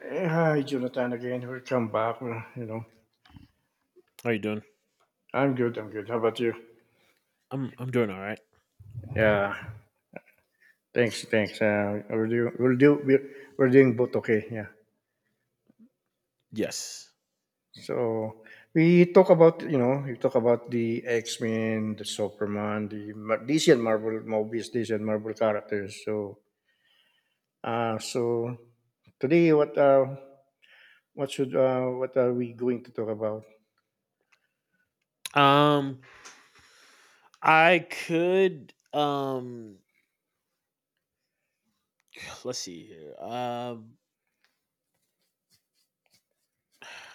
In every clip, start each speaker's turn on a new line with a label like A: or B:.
A: Hey, hi, Jonathan again. Welcome back.
B: How are you doing?
A: I'm good. How about you?
B: I'm doing all right.
A: Yeah. Thanks. Thanks. We will do. We're doing both. Okay. Yeah.
B: Yes.
A: So we talk about the X Men, the Superman, the DC and Marvel movies, DC and Marvel characters. So today what are we going to talk about?
B: Um I could let's see here.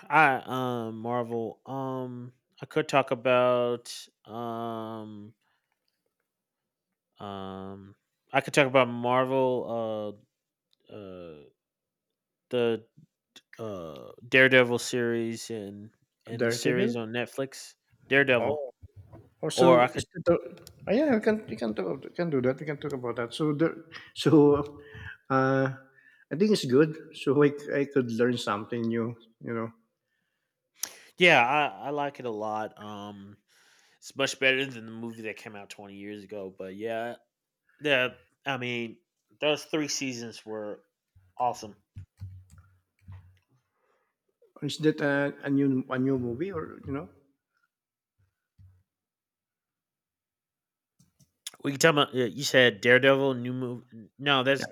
B: I um Marvel um I could talk about um um I could talk about Marvel uh uh the Daredevil series and the series
A: Daredevil.
B: on Netflix. Daredevil.
A: Oh.
B: Or
A: Also,
B: I
A: is
B: could
A: the, oh yeah, we can do that. We can talk about that. So, uh, I think it's good. So I could learn something new.
B: Yeah, I like it a lot. It's much better than the movie that came out 20 years ago. But yeah, the I mean, those three seasons were awesome.
A: Is that a new movie or you know?
B: We can talk about, yeah, you said Daredevil new movie. No,
A: Yeah.
B: that's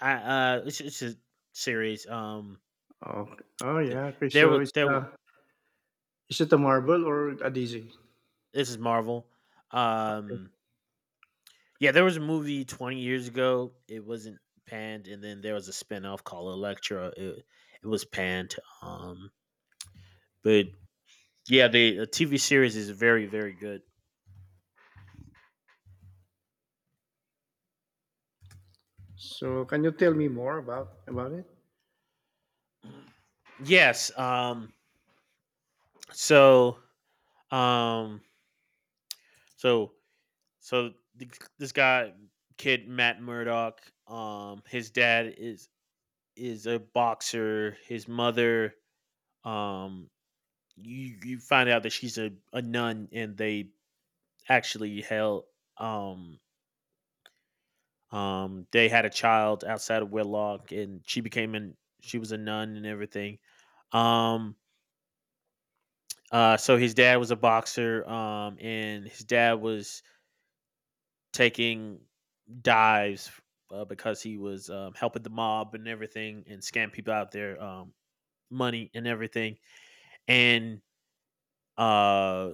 B: I it's a series.
A: Oh, oh
B: The,
A: yeah. Okay.
B: there
A: So
B: was
A: it's
B: there was
A: Is it a Marvel or a DC?
B: this is Marvel. Um, yeah, there was a movie 20 years ago. It wasn't panned, and then there was a spin off called Electra. It was panned. Um, but yeah, the TV series is very, very good.
A: So can you tell me more about it?
B: Yes. So. Um. So. So th- this guy, kid Matt Murdock. His dad is a boxer. His mother. Um. You find out that she's a nun, and they actually held. Um. They had a child outside of wedlock, and she became an she was a nun and everything. Um so his dad was a boxer, and his dad was taking dives, because he was, helping the mob and everything, and scam people out their, money and everything. And uh,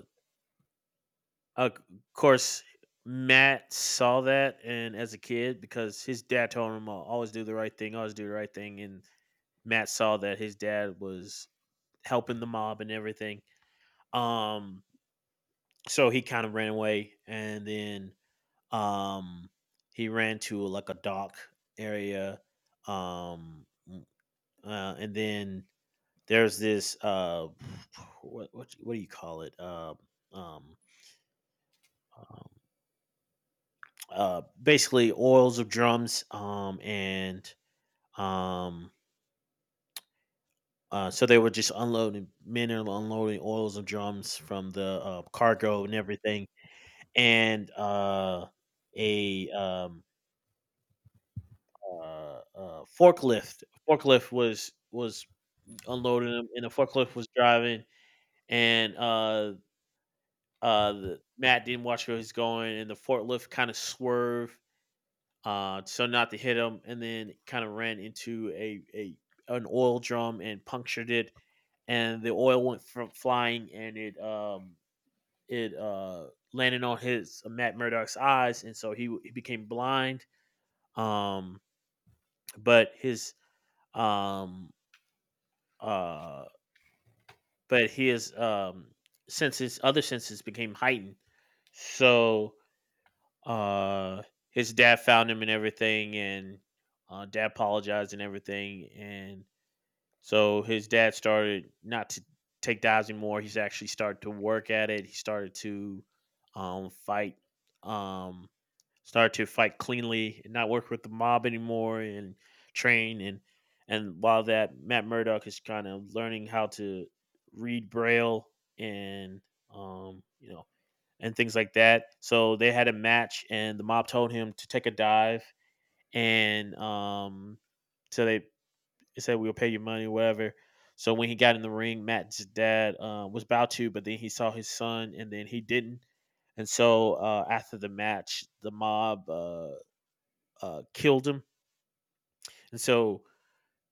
B: of course, Matt saw that, and as a kid, because his dad told him, "Always do the right thing, always do the right thing," and Matt saw that his dad was helping the mob and everything. Um, so he kind of ran away, and then um he ran to like a dock area um mm, and then there's this what do you call it, um um basically oils of drums and um so they were just unloading, men are unloading oils of drums from the, cargo and everything and a uh, uh forklift forklift was unloaded him, and the forklift was driving, and Matt didn't watch where he's going, and the forklift kind of swerved, so not to hit him, and then kind of ran into a an oil drum and punctured it, and the oil went from flying, and it landed on his, Matt Murdock's eyes, and so he became blind. Um, but his um uh but his senses, other senses became heightened. So uh his dad found him and everything, and dad apologized and everything, and so his dad started not to take dives anymore. He's actually started to work at it. He started to fight um started to fight cleanly and not work with the mob anymore and train, and while that Matt Murdock is kind of learning how to read braille and, you know, and things like that. So they had a match and the mob told him to take a dive, and so they said we'll pay you money whatever. So when he got in the ring, Matt's dad, was about to, but then he saw his son and then he didn't. And so, after the match, the mob, killed him, and so,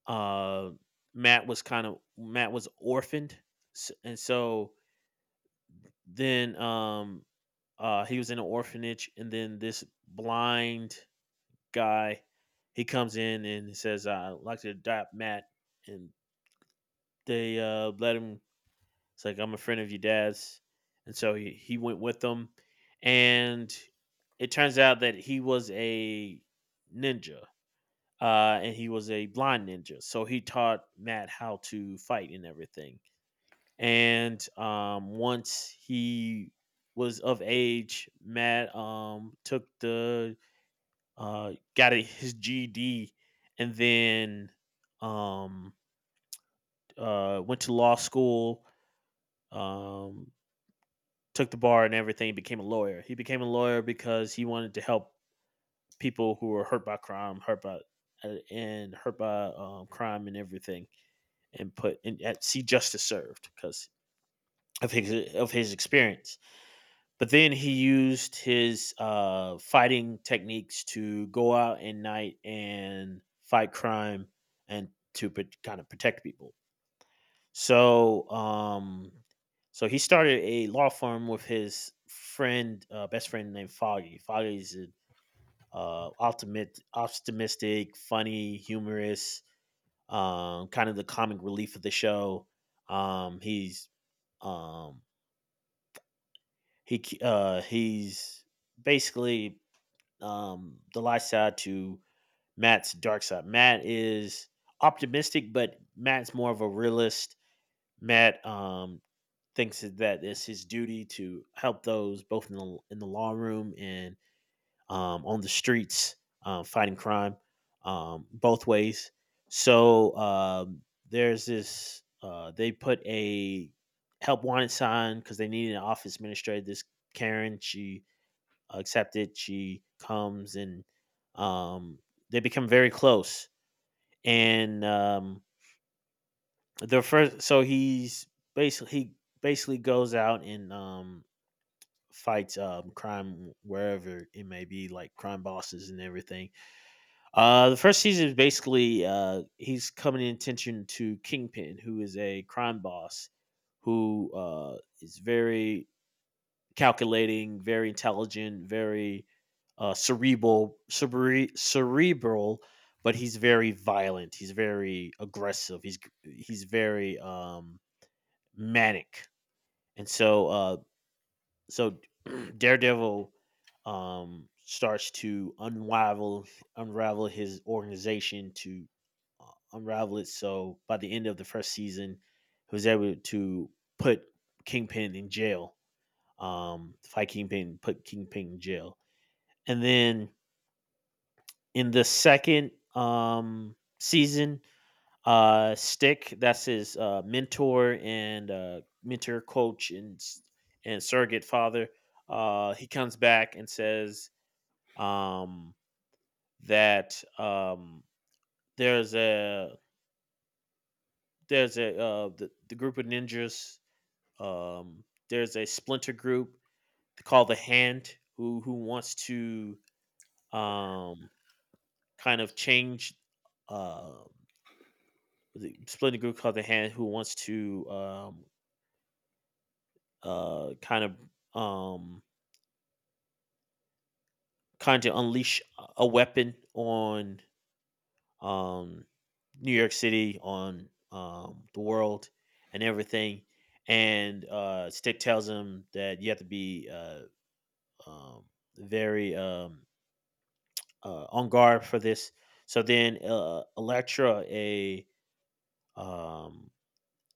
B: uh, Matt was kind of Matt was orphaned, and so then, he was in an orphanage, and then this blind guy he comes in and he says, "I'd like to adopt Matt," and they, let him. It's like I'm a friend of your dad's, and so he went with them, and it turns out that he was a ninja, and he was a blind ninja. So he taught Matt how to fight and everything. And once he was of age, Matt, took the, got a, his GD, and then, um, went to law school. Um, Took the bar and everything. Became a lawyer. He became a lawyer because he wanted to help people who were hurt by crime, hurt by, crime and everything, and put and at, see justice served because of his experience. But then he used his, fighting techniques to go out at night and fight crime and to kind of protect people. So um, so he started a law firm with his friend, best friend named Foggy. Foggy's an, optimist, optimistic, funny, humorous, kind of the comic relief of the show. Um, he's um, he's basically, the light side to Matt's dark side. Matt is optimistic, but Matt's more of a realist. Matt, thinks that it's his duty to help those both in the law room and, on the streets, fighting crime, both ways. So, there's this, they put a help wanted sign because they needed an office administrator. This Karen, she accepted, she comes and, um, they become very close. And, the first, so he's basically, he basically goes out and, fights, crime wherever it may be, like crime bosses and everything. The first season is basically, he's coming in attention to Kingpin, who is a crime boss who, is very calculating, very intelligent, very, cerebral, cerebral, but he's very violent. He's very aggressive. He's very, manic, and so, so Daredevil, starts to unravel his organization to, uh, unravel it. So by the end of the first season, he was able to put Kingpin in jail. Fight Kingpin, put Kingpin in jail, and then in the second, season, Stick, that's his, mentor, coach, and surrogate father. He comes back and says, um, that there's a the group of ninjas. Um, there's a splinter group called the Hand who wants to, um, kind of change. Uh, the splinter group called the Hand who wants to, uh, kind of um, kind of unleash a weapon on, um, New York City, on, the world, and everything. And, Stick tells him that you have to be, um, very, on guard for this. So then, Electra, a, um,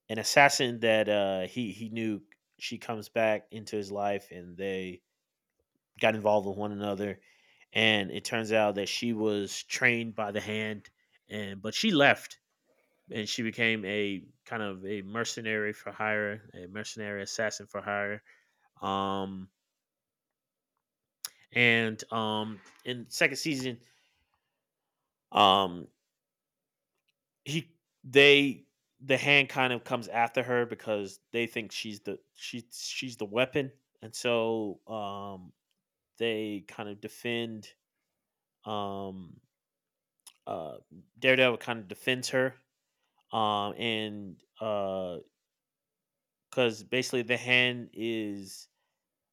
B: an assassin that, he knew, she comes back into his life, and they got involved with one another. And it turns out that she was trained by the hand, and but she left, and she became a kind of a mercenary for hire, a mercenary assassin for hire. Um, and in second season, um, he they the hand kind of comes after her because they think she's the weapon, and so they kind of defend, um uh daredevil kind of defends her, and because basically the hand is,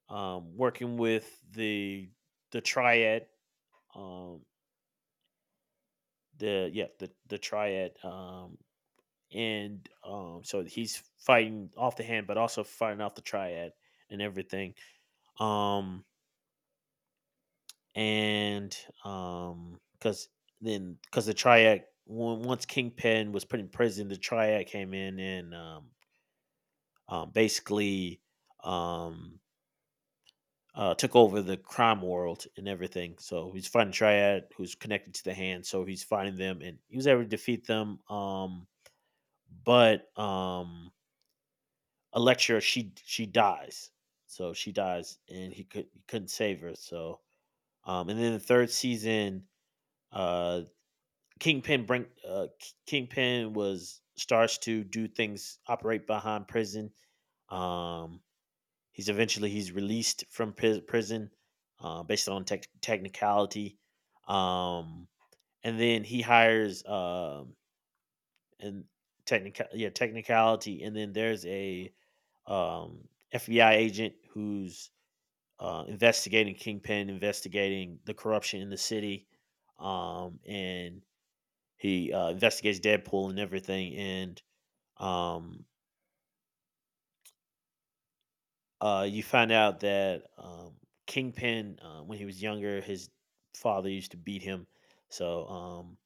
B: working with the triad, um the yeah the triad, and so he's fighting off the hand, but also fighting off the triad and everything. Um, and because then because the triad once Kingpin was put in prison, the triad came in and, basically um. Took over the crime world and everything. So he's fighting Triad, who's connected to the hand. So he's fighting them, and he was able to defeat them. But a lecturer she dies, so she dies and he could he couldn't save her, so and then the third season, uh kingpin was starts to do things operate behind prison, um he's eventually he's released from prison, based on technicality, um and then he hires and technical, yeah, technicality, and then there's a, um FBI agent who's, investigating kingpin, investigating the corruption in the city, and he, investigates deadpool and everything, and um you find out that kingpin, when he was younger his father used to beat him, so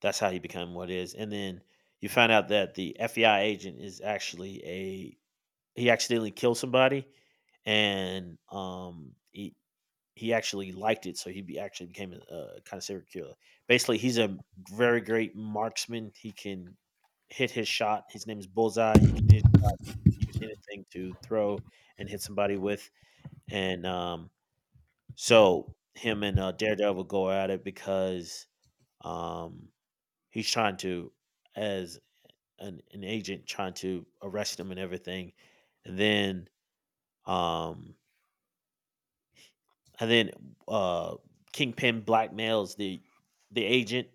B: that's how he became what is, and then you find out that the FBI agent is actually a He accidentally killed somebody, and, he actually liked it, so he be, actually became a kind of serial killer. Basically, he's a very great marksman. He can hit his shot. His name is Bullseye. He can hit his shot, use anything to throw and hit somebody with. And, so him and, Daredevil go at it because, um, he's trying to, as an agent, trying to arrest him and everything. And then um, and then uh Kingpin blackmails the agent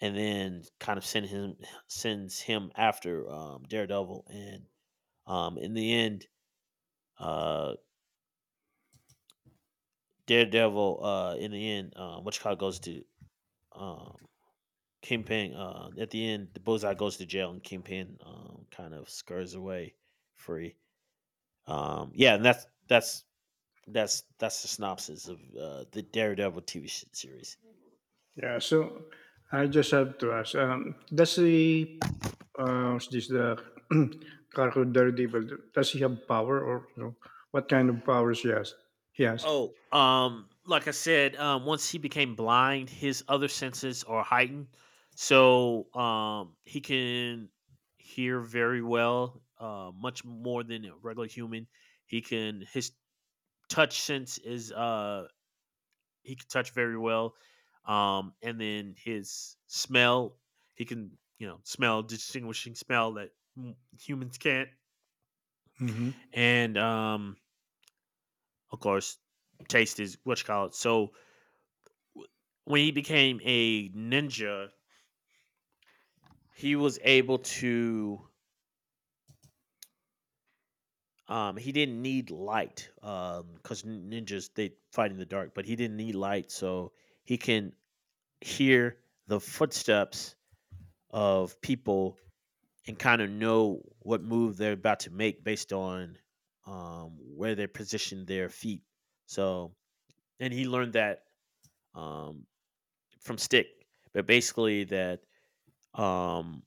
B: and then sends him after Daredevil and in the end uh Daredevil in the end what you call it goes to um Kingpin at the end the bullseye goes to jail, and Kingpin kind of scurs away free. Yeah, and that's the synopsis of the Daredevil TV series.
A: Yeah, so I just have to ask, does he, what's this, the Cargo Daredevil, does he have power or you know, what kind of powers he has? He has.
B: Oh, like I said, once he became blind, his other senses are heightened, so he can hear very well, much more than a regular human. He can his touch sense is he can touch very well, and then his smell, he can, you know, smell distinguishing smell that humans can't,
A: Hmm
B: and of course, taste is what you call it. So when he became a ninja, he was able to. He didn't need light, because ninjas they fight in the dark, but he didn't need light, so he can hear the footsteps of people and kind of know what move they're about to make based on where they position their feet. So, and he learned that um, from Stick, but basically that um,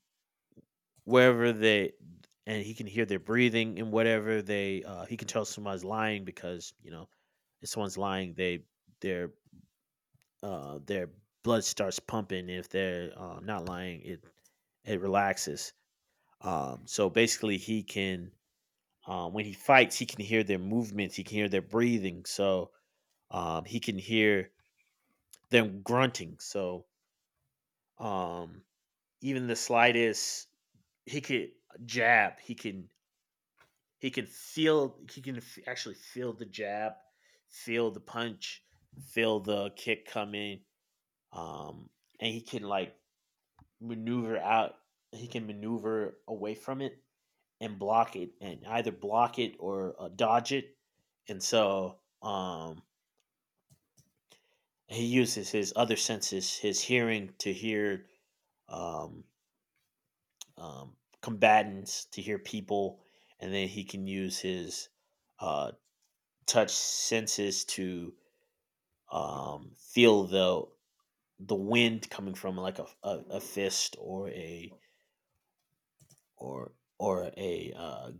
B: wherever they, and he can hear their breathing and whatever they he can tell someone's lying because, you know, if someone's lying they their their blood starts pumping. If they're not lying, it relaxes. So basically he can when he fights he can hear their movements, he can hear their breathing, so he can hear them grunting, so um even the slightest he could jab, he can. He can feel. He can actually feel the jab, feel the punch, feel the kick coming, um, and he can like maneuver out. He can maneuver away from it and block it, and either block it or dodge it. And so he uses his other senses, his hearing, to hear um, um, combatants, to hear people, and then he can use his uh, touch senses to feel the wind coming from like a fist or a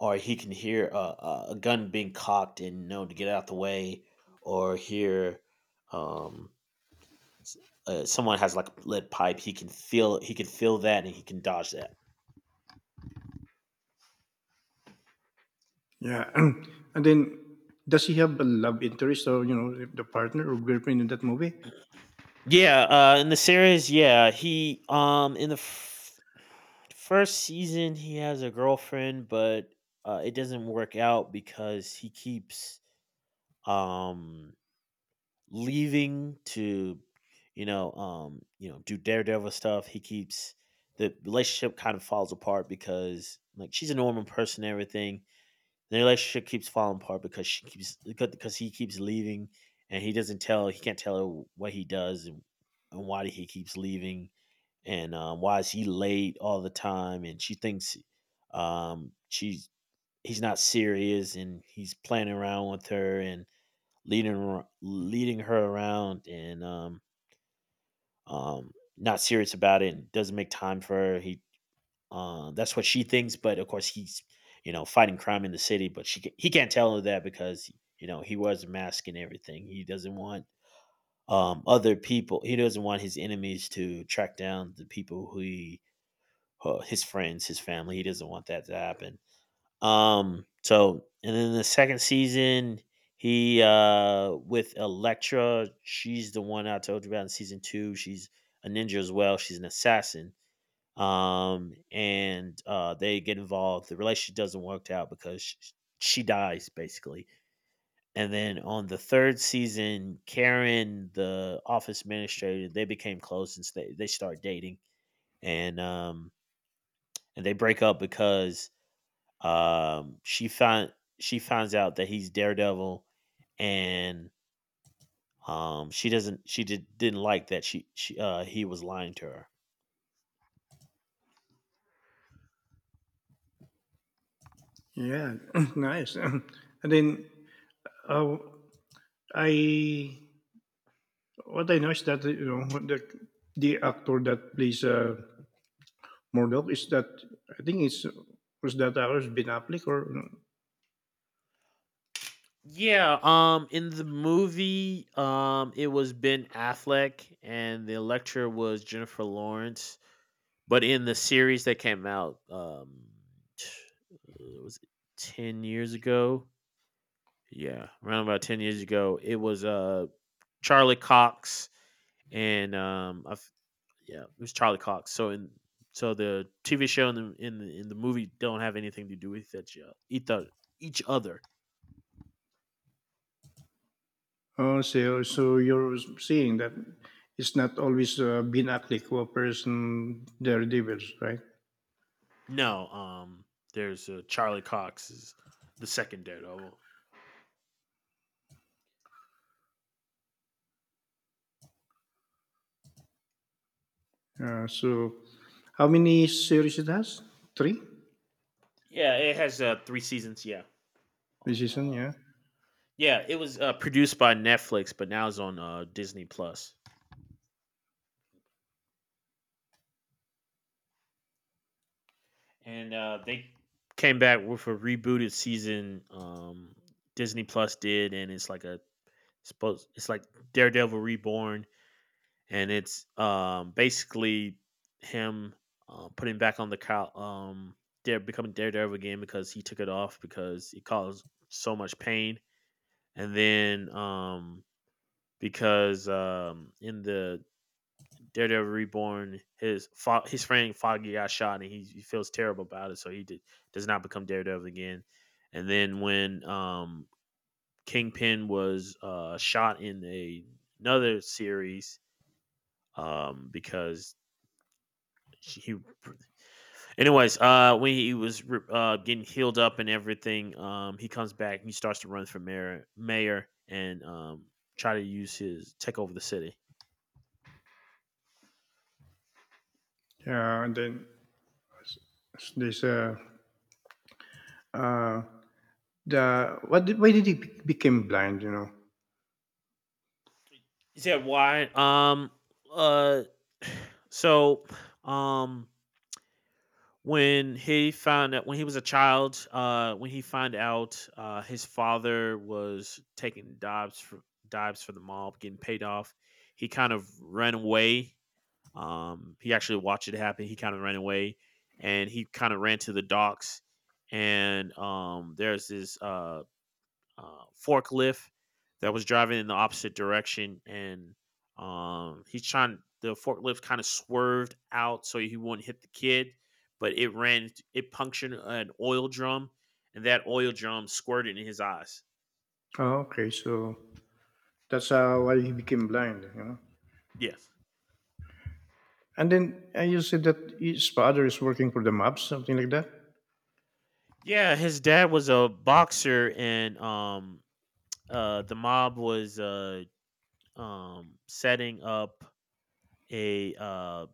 B: or he can hear a gun being cocked and know to get out the way, or hear um, s- someone has like a lead pipe, he can feel, he can feel that, and he can dodge that.
A: Yeah. And then, does he have a love interest or, you know, the partner or girlfriend in that movie?
B: Yeah. In the series, yeah, he in the first season he has a girlfriend, but it doesn't work out because he keeps um leaving to, you know, do daredevil stuff. He keeps the relationship kind of falls apart because like she's a normal person and everything. The relationship keeps falling apart because she keeps because he keeps leaving and he can't tell her what he does, and why he keeps leaving, and why is he late all the time, and she thinks she's he's not serious and he's playing around with her and leading her around and not serious about it and doesn't make time for her. He, that's what she thinks, but of course he's, you know, fighting crime in the city, but he can't tell her that because, you know, he was masking everything. He doesn't want other people. He doesn't want his enemies to track down the people who he, his friends, his family. He doesn't want that to happen. So, and then the second season, he with Elektra. She's the one I told you about in season two. She's a ninja as well. She's an assassin. And they get involved. The relationship doesn't work out because she dies basically. And then on the third season, Karen, the office administrator, they became close and they start dating. And um and they break up because um, she find she finds out that he's Daredevil, and she didn't like that she, he was lying to her.
A: Yeah, nice. And then, uh, I, what I know is that, you know, the actor that plays Murdoch is that I think it's was that ours Ben Affleck or?
B: Yeah, in the movie, it was Ben Affleck and the lecturer was Jennifer Lawrence, but in the series that came out t- was it 10 years ago? Yeah, around about 10 years ago, it was Charlie Cox and yeah, it was Charlie Cox. So the TV show and the in the movie don't have anything to do with each other. Each other.
A: So you're seeing that it's not always Ben Affleck who appears in Daredevils, right?
B: No, there's Charlie Cox is the second Daredevil.
A: So how many series it has? Three
B: Yeah, it has 3 seasons, yeah.
A: this
B: On
A: season, yeah.
B: Yeah, it was produced by Netflix, but now it's on Disney Plus. And they came back with a rebooted season. Disney Plus did, and it's like a, suppose it's like Daredevil Reborn, and it's basically him putting back on the cow, dare becoming Daredevil again because he took it off because it caused so much pain, and then because in the Daredevil Reborn his his friend Foggy got shot and he feels terrible about it, so he does not become Daredevil again, and then when Kingpin was shot in another series, because he. Anyways, when he was getting healed up and everything, he comes back, and he starts to run for mayor, and try to use his take over the city.
A: Yeah. And then there's why did he became blind? You know?
B: He said, "Why?" Uh, so, um, when he found out when he was a child, when he found out his father was taking dives for the mob, getting paid off, he kind of ran away. He actually watched it happen. He kind of ran away, and he kind of ran to the docks. And there's this forklift that was driving in the opposite direction, and he's trying. The forklift kind of swerved out so he wouldn't hit the kid, but it ran. It punctured an oil drum, and that oil drum squirted in his eyes.
A: Oh, okay, so that's why he became blind. You know?
B: Yeah,
A: And then you said that his father is working for the mobs, something like that.
B: yeah. His dad was a boxer, and the mob was setting up a uh,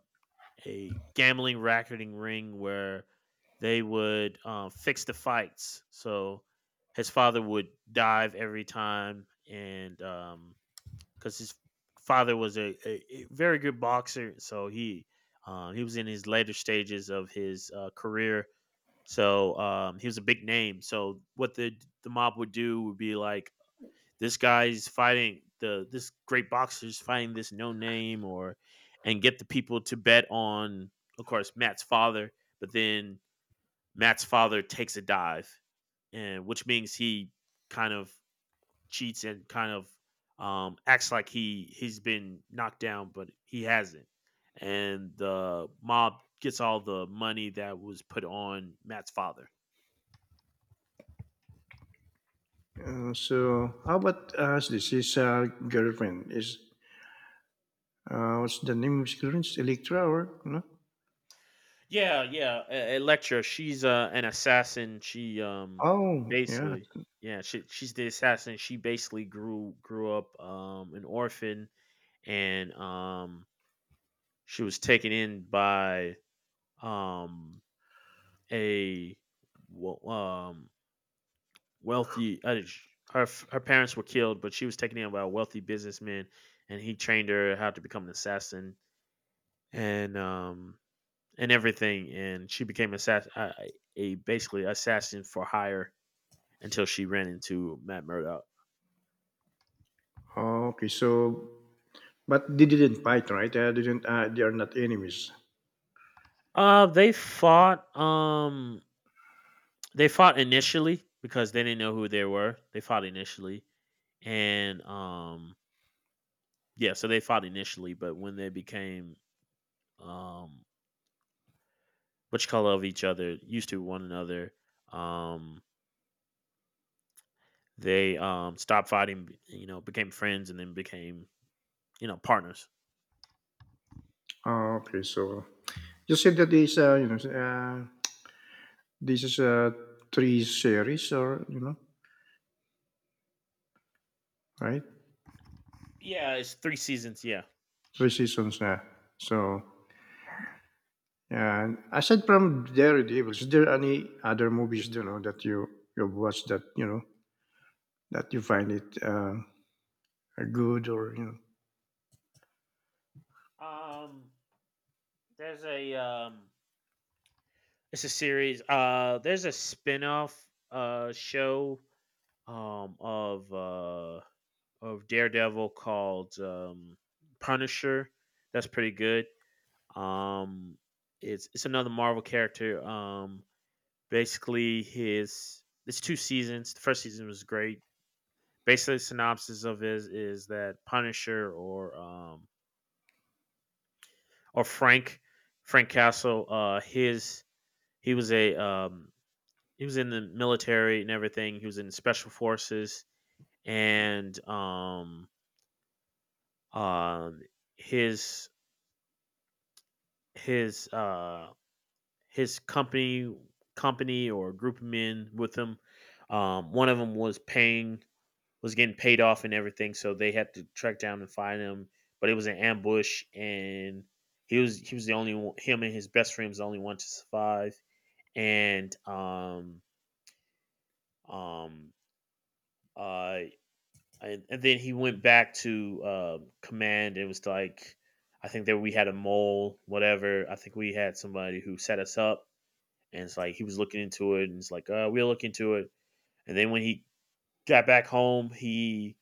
B: a gambling racketing ring where they would fix the fights. So his father would dive every time, and because his father was a very good boxer, so he, he was in his later stages of his career. So he was a big name. So what the mob would do would be like, this great boxer's fighting this no name, or and get the people to bet on, of course, Matt's father, but then Matt's father takes a dive, and which means he kind of cheats and kind of acts like he's been knocked down, but he hasn't. And the mob gets all the money that was put on Matt's father.
A: So how about us? This is girlfriend. Is what's the name of his girlfriend? It's Electra or no?
B: Yeah, yeah. Electra, she's an assassin. She
A: Oh yeah.
B: basically, yeah, she, she's the assassin. She basically grew up an orphan, and she was taken in by um a wo- um wealthy her her parents were killed, but she was taken in by a wealthy businessman, and he trained her how to become an assassin and um and everything, and she became a basically assassin for hire, until she ran into Matt Murdock.
A: Oh, okay. So but they didn't fight, right? Didn't. They are not enemies.
B: They fought. They fought initially because they didn't know who they were. They fought initially, and yeah, so they fought initially. But when they became um, what you call, of each other, used to one another, um, they stopped fighting. You know, became friends, and then became, you know, partners.
A: Oh, okay. So you said that this this is a three series or you know right
B: Yeah, it's three seasons. Yeah.
A: three seasons. So and aside from Daredevil, is there any other movies you know that you watch that you know that you find it? Are good or you know.
B: Um, There's a it's a series. There's a spin-off show um of uh of Daredevil called Punisher. That's pretty good. Um it's another Marvel character. Basically his it's two seasons. The first season was great. Basically the synopsis of it is that Punisher, or Frank, Castle, his he was a, he was in the military and everything. He was in special forces, and um his his uh his company or group of men with him. One of them was paying was getting paid off and everything, so they had to track down and find him. But it was an ambush, and he was the only one. Him and his best friend was the only one to survive. And um uh and then he went back to command. It was like, I think that we had a mole, whatever. I think we had somebody who set us up, and it's like he was looking into it, and it's like, we'll look into it. And then when he got back home, he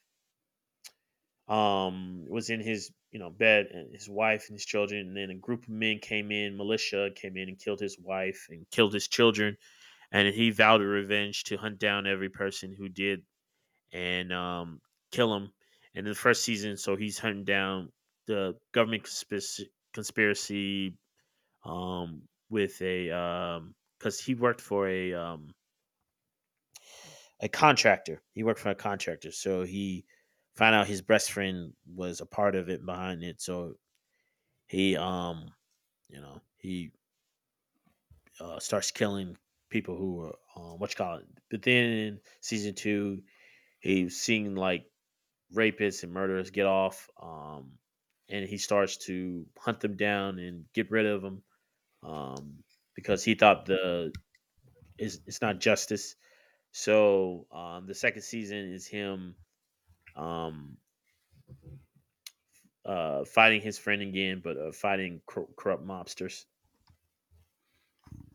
B: was in his, you know, bed, and his wife and his children, and then a group of men came in, militia came in and killed his wife and killed his children, and he vowed a revenge to hunt down every person who did and kill him. And in the first season, so he's hunting down the government conspiracy, with a because he worked for a a contractor. He worked for a contractor, so he found out his best friend was a part of it behind it. So he you know he starts killing people who are what you call it. But then in season two, he's seeing like rapists and murderers get off, and he starts to hunt them down and get rid of them um, because he thought the is it's not justice. So the second season is him um, fighting his friend again, but fighting corrupt mobsters.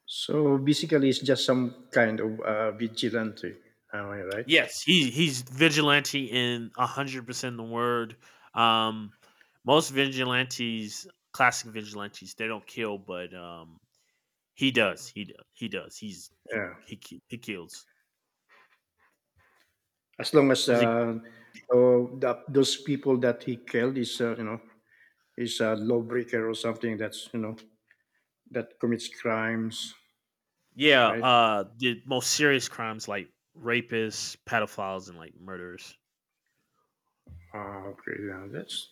A: So basically, it's just some kind of vigilante. Am I right?
B: Yes, he's vigilante in 100% the word. Um, most vigilantes, classic vigilantes, they don't kill, but he does. He does. He does.
A: Yeah.
B: He kills.
A: As long as
B: He's a,
A: oh, that those people that he killed is you know is a lawbreaker or something that's you know that commits crimes,
B: yeah,
A: right?
B: the most serious crimes like rapists, pedophiles, and like murderers.
A: Ah, okay,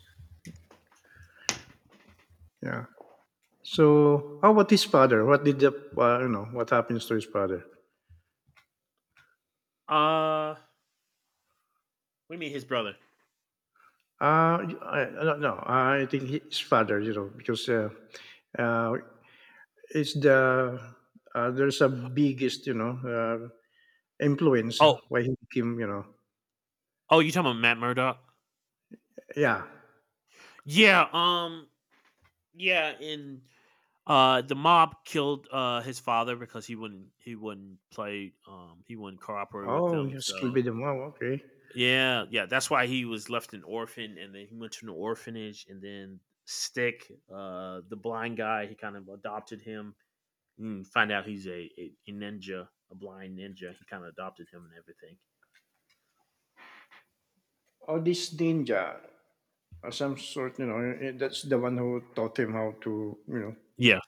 A: yeah. So how about his father? What did the You know what happens to his father?
B: Uh what do you mean his brother?
A: I don't know. I think his father, you know, because uh, It's the there's a biggest you know influence
B: Oh,
A: why he became you know
B: oh you talking about Matt Murdock?
A: yeah
B: Yeah, yeah, and the mob killed his father because he wouldn't play he wouldn't cooperate with
A: oh
B: them.
A: yes kill
B: So
A: be the mom okay
B: yeah, yeah, that's why he was left an orphan, and then he went to an orphanage, and then Stick, the blind guy, he kind of adopted him. And find out he's a ninja, a blind ninja. He kind of adopted him and everything.
A: oh this ninja some sort you know that's the one who taught him how to you know
B: Yeah,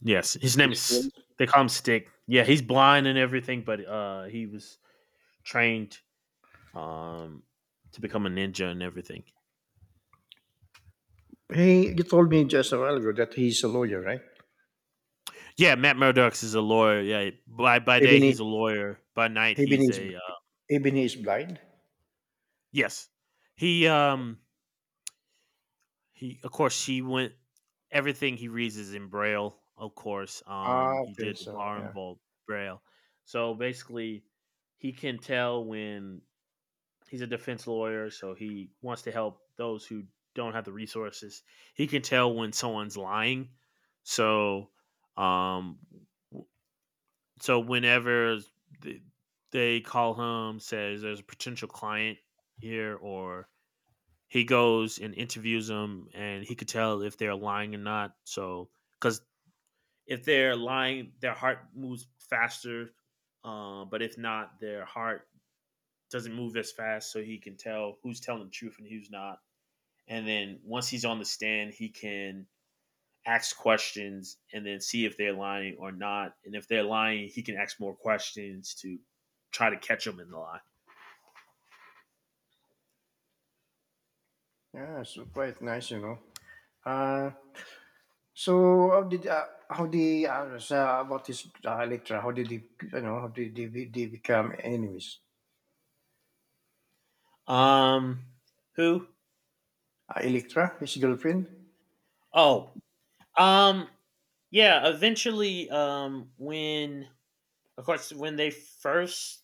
B: yes. His name
A: his
B: is.
A: fields.
B: They call him Stick. Yeah, he's blind and everything, but he was trained um to become a ninja and everything.
A: He you told me just a while ago that he's a lawyer right
B: Yeah, Matt Murdock is a lawyer. Yeah, by
A: even
B: day
A: he
B: he's a lawyer. By night
A: even
B: he's
A: he's
B: a
A: even he's blind
B: yes. He um He, of course, she went. Everything he reads is in braille. Of course,
A: ah
B: he
A: okay
B: did the
A: so
B: bar and
A: yeah
B: bolt braille. So basically, he can tell when he's a defense lawyer. So he wants to help those who don't have the resources. He can tell when someone's lying. So, um, w- so whenever th- they call him, says there's a potential client here, or he goes and interviews them and he could tell if they're lying or not. So because if they're lying, their heart moves faster, but if not, their heart doesn't move as fast, so he can tell who's telling the truth and who's not. And then once he's on the stand, he can ask questions and then see if they're lying or not, and if they're lying he can ask more questions to try to catch them in the lie.
A: yeah so quite nice you know uh So how did how the sa about this Electra? How did he you know how did they become enemies?
B: um who?
A: Electra, his girlfriend.
B: Oh. Um, yeah, eventually, when of course when they first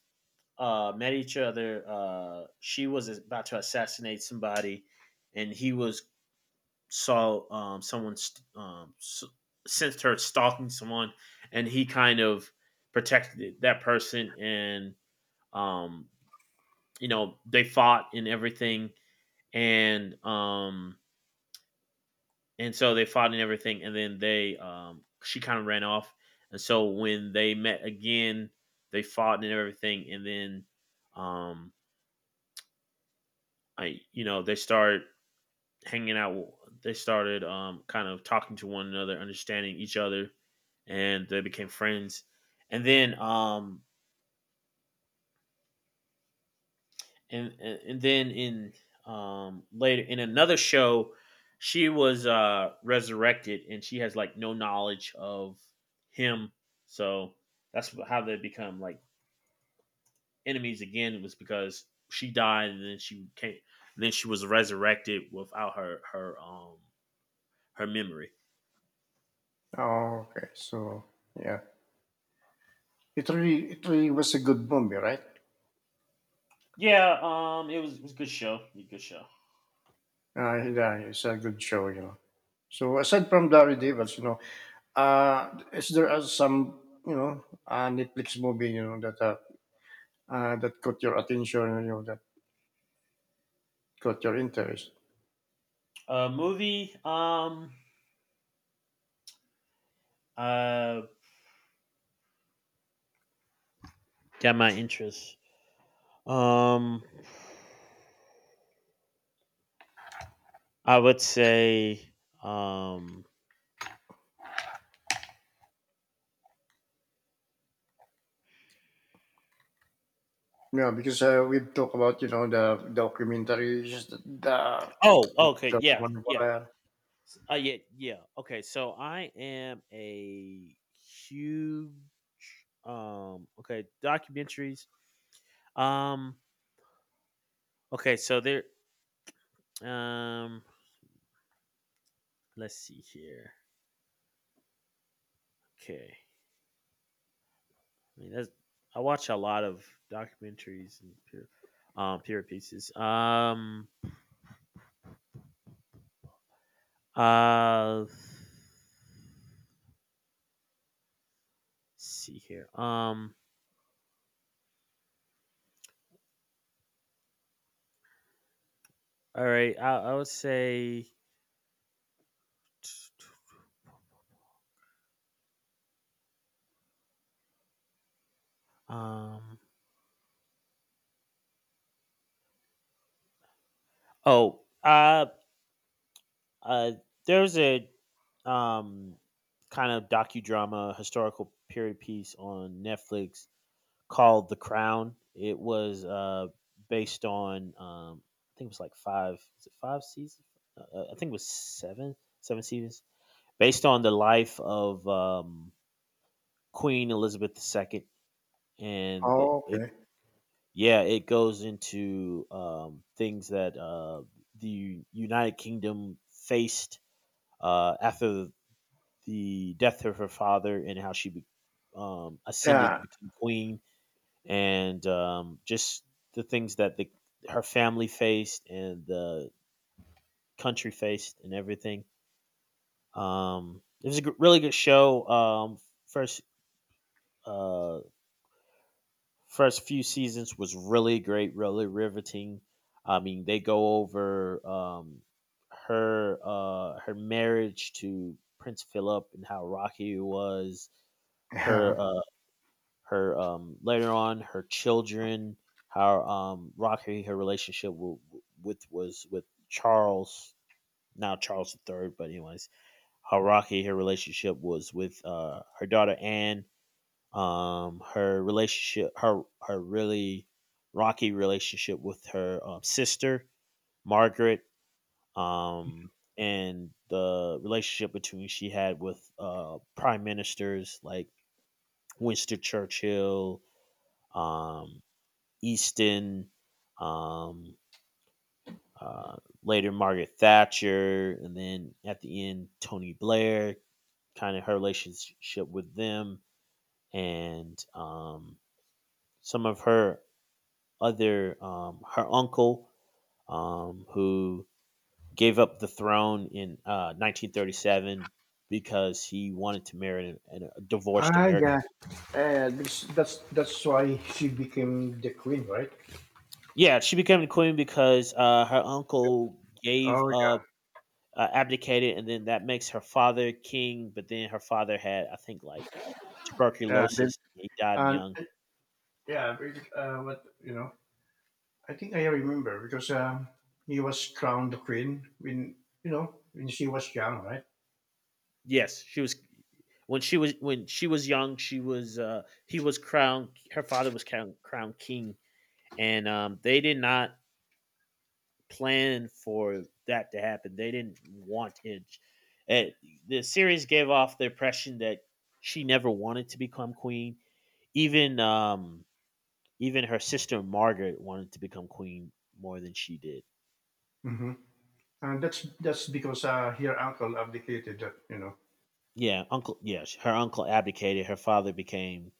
B: met each other, she was about to assassinate somebody, and he was saw someone st- s- sensed her stalking someone, and he kind of protected that person, and um you know they fought and everything. And so they fought and everything, and then they she kind of ran off. And so when they met again, they fought and everything, and then um I you know they started hanging out. They started kind of talking to one another, understanding each other, and they became friends. And then and then in later in another show, she was resurrected and she has like no knowledge of him. So that's how they become like enemies again. It was because she died, and then she came, and then she was resurrected without her her memory.
A: Oh, okay. So yeah, it really was a good movie, right?
B: Yeah, it was a good show. Good show.
A: Yeah, it's a good show, you know. So aside from Daredevils, you know, is there some Netflix movie you know that caught your attention, you know that caught your interest?
B: Movie, uh got my interest. um I would say, um,
A: Yeah, because we talk about you know the documentaries,
B: oh, okay,
A: the
B: yeah,
A: one
B: yeah,
A: where
B: yeah, yeah. Okay, so I am a huge, okay, documentaries. Um, okay, so there, um, let's see here. Okay, I mean that's I watch a lot of documentaries and pure, pure pieces. Let's see here. All right, I would say. Um, oh, uh, uh, there's a um, kind of docudrama, historical period piece on Netflix called The Crown. It was based on, I think it was like five, was it five seasons? I think it was seven, seven seasons, based on the life of Queen Elizabeth II. And
A: oh
B: the, it.
A: okay
B: Yeah, it goes into things that the United Kingdom faced after the death of her father and how she ascended
A: yeah
B: to become queen, and just the things that the her family faced and the country faced and everything. It was a really good show. First uh, First few seasons was really great, really riveting. I mean, they go over her marriage to Prince Philip and how rocky it was.
A: yeah
B: Her her Later on her children, how rocky her relationship w- with was with Charles, now Charles the third. But anyways, how rocky her relationship was with her daughter Anne, her relationship, her really rocky relationship with her sister Margaret, um, and the relationship between she had with prime ministers like Winston Churchill, um, Easton, um, uh, later Margaret Thatcher, and then at the end Tony Blair. Kind of her relationship with them, and some of her other her uncle, who gave up the throne in 1937 because he wanted to marry a divorced
A: ah
B: American.
A: yeah yeah because that's why she became the queen, right?
B: Yeah, she became the queen because her uncle gave
A: Oh
B: up,
A: yeah
B: abdicated, and then that makes her father king. But then her father had, I think, like
A: yeah they-
B: tuberculosis. He died
A: and
B: young.
A: yeah because, what you know I think I remember because he was crowned the queen when you know when she was young, right?
B: Yes, she was when she was young. She was he was crowned. Her father was crowned, crowned king, and they did not plan for that to happen. They didn't want Hinge. Uh, the series gave off the impression that she never wanted to become queen. Even even her sister Margaret wanted to become queen more than she did.
A: hmm And that's because her uncle abdicated, you know.
B: Yeah, uncle. Yeah, her uncle abdicated. Her father became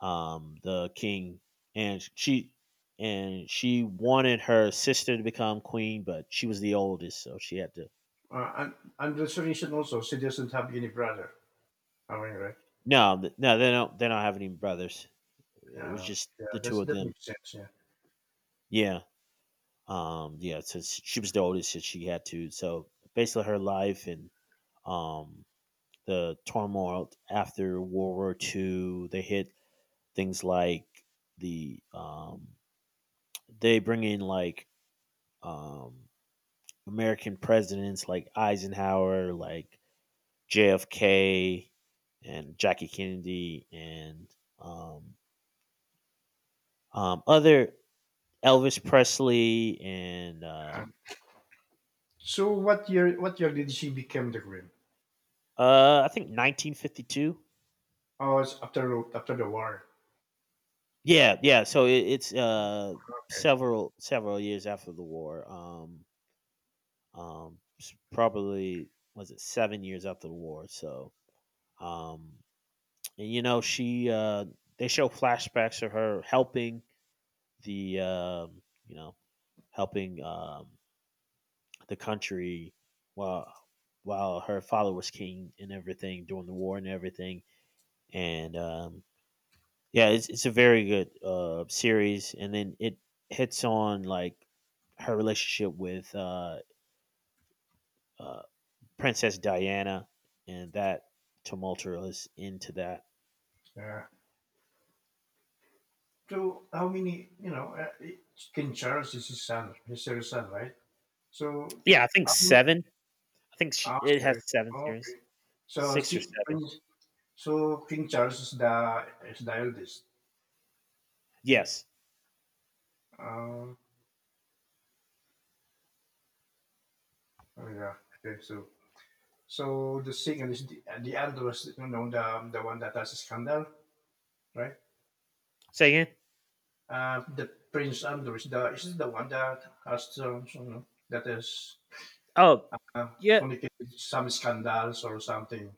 B: the king, and she wanted her sister to become queen, but she was the oldest, so she had to.
A: Uh, and, and restoration also, she doesn't have any brother. I mean, right?
B: No, no, they don't. They don't have any brothers. It was
A: Uh,
B: just the two of
A: that
B: them.
A: makes sense. Yeah.
B: Yeah. Yeah. So she was the oldest and she had to. So basically her life and um, the turmoil after World War II, they hit things like the, um, they bring in like um, American presidents like Eisenhower, like JFK and Jackie Kennedy and um, other Elvis Presley and
A: Uh, So what year? What year did she become the queen?
B: I think 1952.
A: Oh, it's after the war.
B: Yeah, yeah. So it's
A: Okay.
B: several several years after the war. Probably was it 7 years after the war. So um, and you know she they show flashbacks of her helping the you know helping the country while while her father was king and everything during the war and everything. And yeah, it's a very good series, and then it hits on like her relationship with uh Princess Diana and that tumultuous into that.
A: Yeah. So how many? You know, it- King Charles is his son. His third son, right? So
B: Yeah, I think
A: how many?
B: seven. I think she,
A: Oh,
B: it has
A: sorry.
B: seven series,
A: Okay. So
B: six or seven.
A: Prince- so King Charles is the eldest.
B: Yes.
A: Uh, oh yeah. Okay. So So the singer is the Andrew is you know the one that has a scandal, right?
B: Say again.
A: The Prince Andrew is the one that has you know, that is
B: Oh,
A: uh,
B: yeah,
A: fornicated some scandals or something.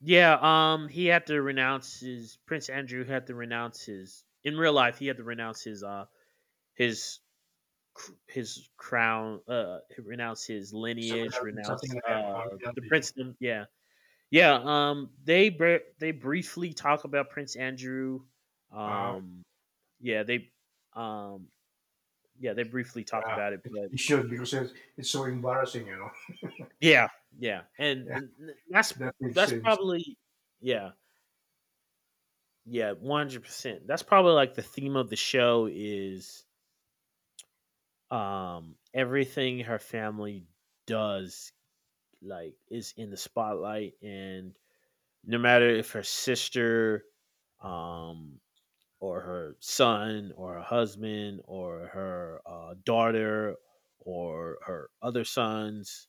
B: yeah. He had to renounce his Prince Andrew had to renounce his in real life. He had to renounce his his crown, renounce his lineage,
A: Something
B: renounce
A: like that. Or
B: the
A: reality.
B: princedom. Yeah, yeah, they they briefly talk about Prince Andrew.
A: Uh,
B: um yeah, they um yeah they briefly talk
A: yeah,
B: about it
A: it
B: but
A: it should because it's so embarrassing, you know.
B: yeah. Yeah
A: Yeah,
B: and that's
A: that makes
B: that's
A: sense.
B: probably yeah yeah 100% that's probably like the theme of the show is everything her family does like is in the spotlight, and no matter if her sister, um, or her son or her husband or her daughter or her other sons,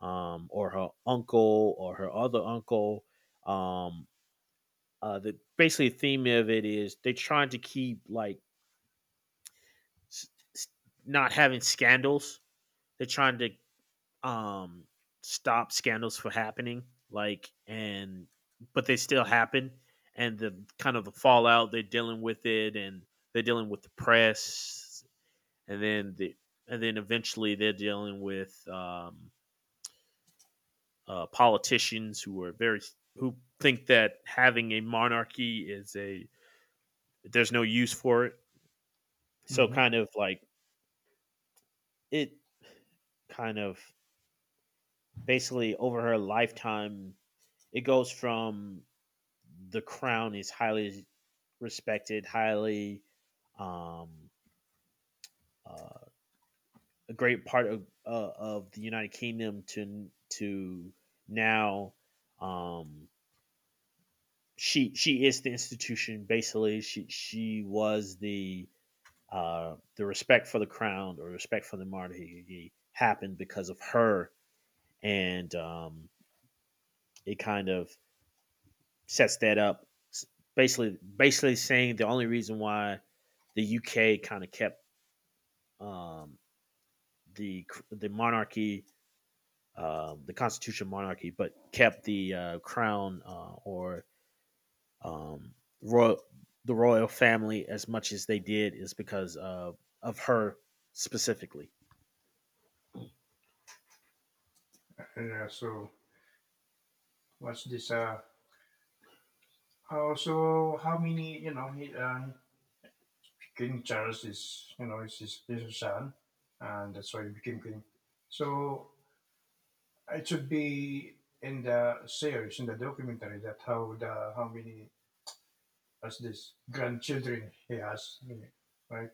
B: or her uncle or her other uncle. Um, the basically the theme of it is they're trying to keep like s- s- not having scandals. They're trying to um stop scandals from happening, like. And but they still happen, and the kind of the fallout they're dealing with it, and they're dealing with the press, and then then eventually they're dealing with politicians who are very who think that having a monarchy is a there's no use for it. So
A: Hmm
B: kind of like it kind of basically over her lifetime it goes from the crown is highly respected, highly, um, uh, a great part of the United Kingdom to now. Um, she is the institution. Basically, she was the respect for the crown or respect for the monarchy happened because of her, and it kind of sets that up. Basically, basically saying the only reason why the UK kind of kept um, the monarchy, the constitution monarchy, but kept the crown or um, royal the royal family as much as they did is because of her specifically.
A: Yeah. So what's this? Also, how many? You know, King Charles is, you know, is his little son, and that's why he became king. So it should be in the series, in the documentary, that how the how many as this grandchildren he has, right?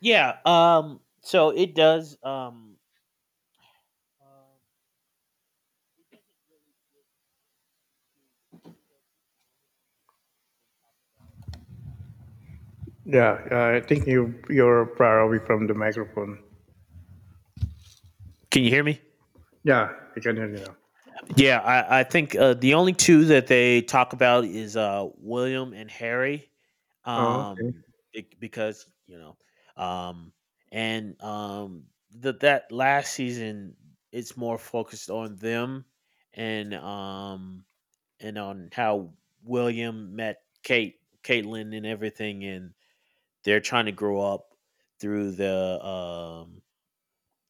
B: Yeah. So it does.
A: Yeah, I think you're far away from the microphone.
B: Can you hear me?
A: Yeah, I can hear you now.
B: Yeah, I think the only two that they talk about is William and Harry,
A: Oh, okay.
B: um, because you know, um, and the, that last season it's more focused on them, and um, and on how William met Kate, Caitlin, and everything, and they're trying to grow up through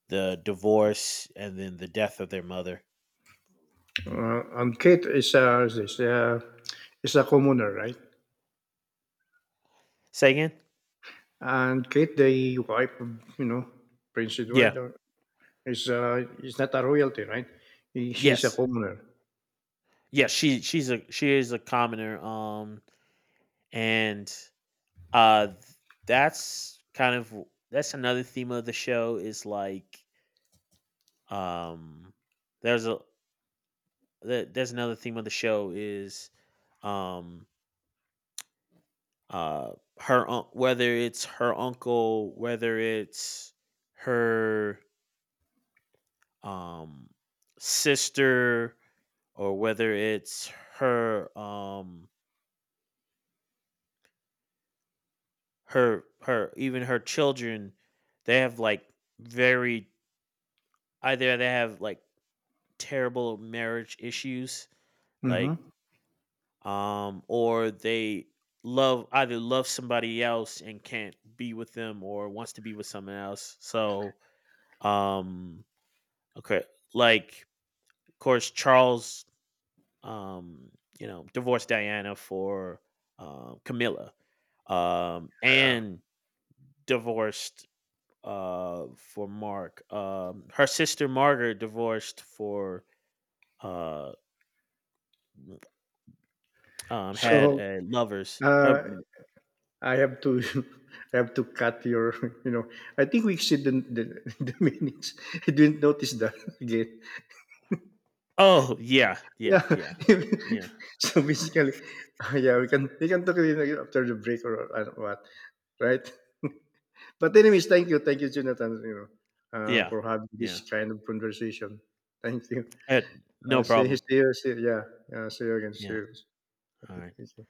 B: the divorce and then the death of their mother.
A: And Kate is this is a commoner, right?
B: Say again?
A: And Kate, the wife, of, you know, Prince
B: Yeah.
A: Edward. It's not a royalty, right? She's a
B: Yes.
A: commoner.
B: Yeah, she is a commoner, and uh, th- that's kind of that's another theme of the show is like, um, there's a there's another theme of the show is um uh her whether it's her uncle, whether it's her um sister, or whether it's her her even her children, they have like very either they have like terrible marriage issues, like
A: Mhm.
B: or they love either love somebody else and can't be with them or wants to be with someone else. So um okay, like of course Charles, um you know, divorced Diana for Camilla.
A: Yeah.
B: And Divorced for Mark. Her sister Margaret divorced for uh had
A: So,
B: a lovers.
A: uh, I have to I have to cut your, you know I think we exceed the the minutes. I didn't notice that again.
B: Oh yeah, yeah,
A: Yeah.
B: yeah. Yeah.
A: So basically, yeah, we can talk it again after the break or I don't know what, right? But anyways, thank you. Thank you, Jonathan, you know,
B: Yeah.
A: for having
B: Yeah.
A: this kind of conversation. Thank you.
B: I, no problem.
A: See you. See you. Yeah. Yeah. See you again. See
B: Yeah.
A: you.
B: All
A: Ok,
B: right.
A: Entendi.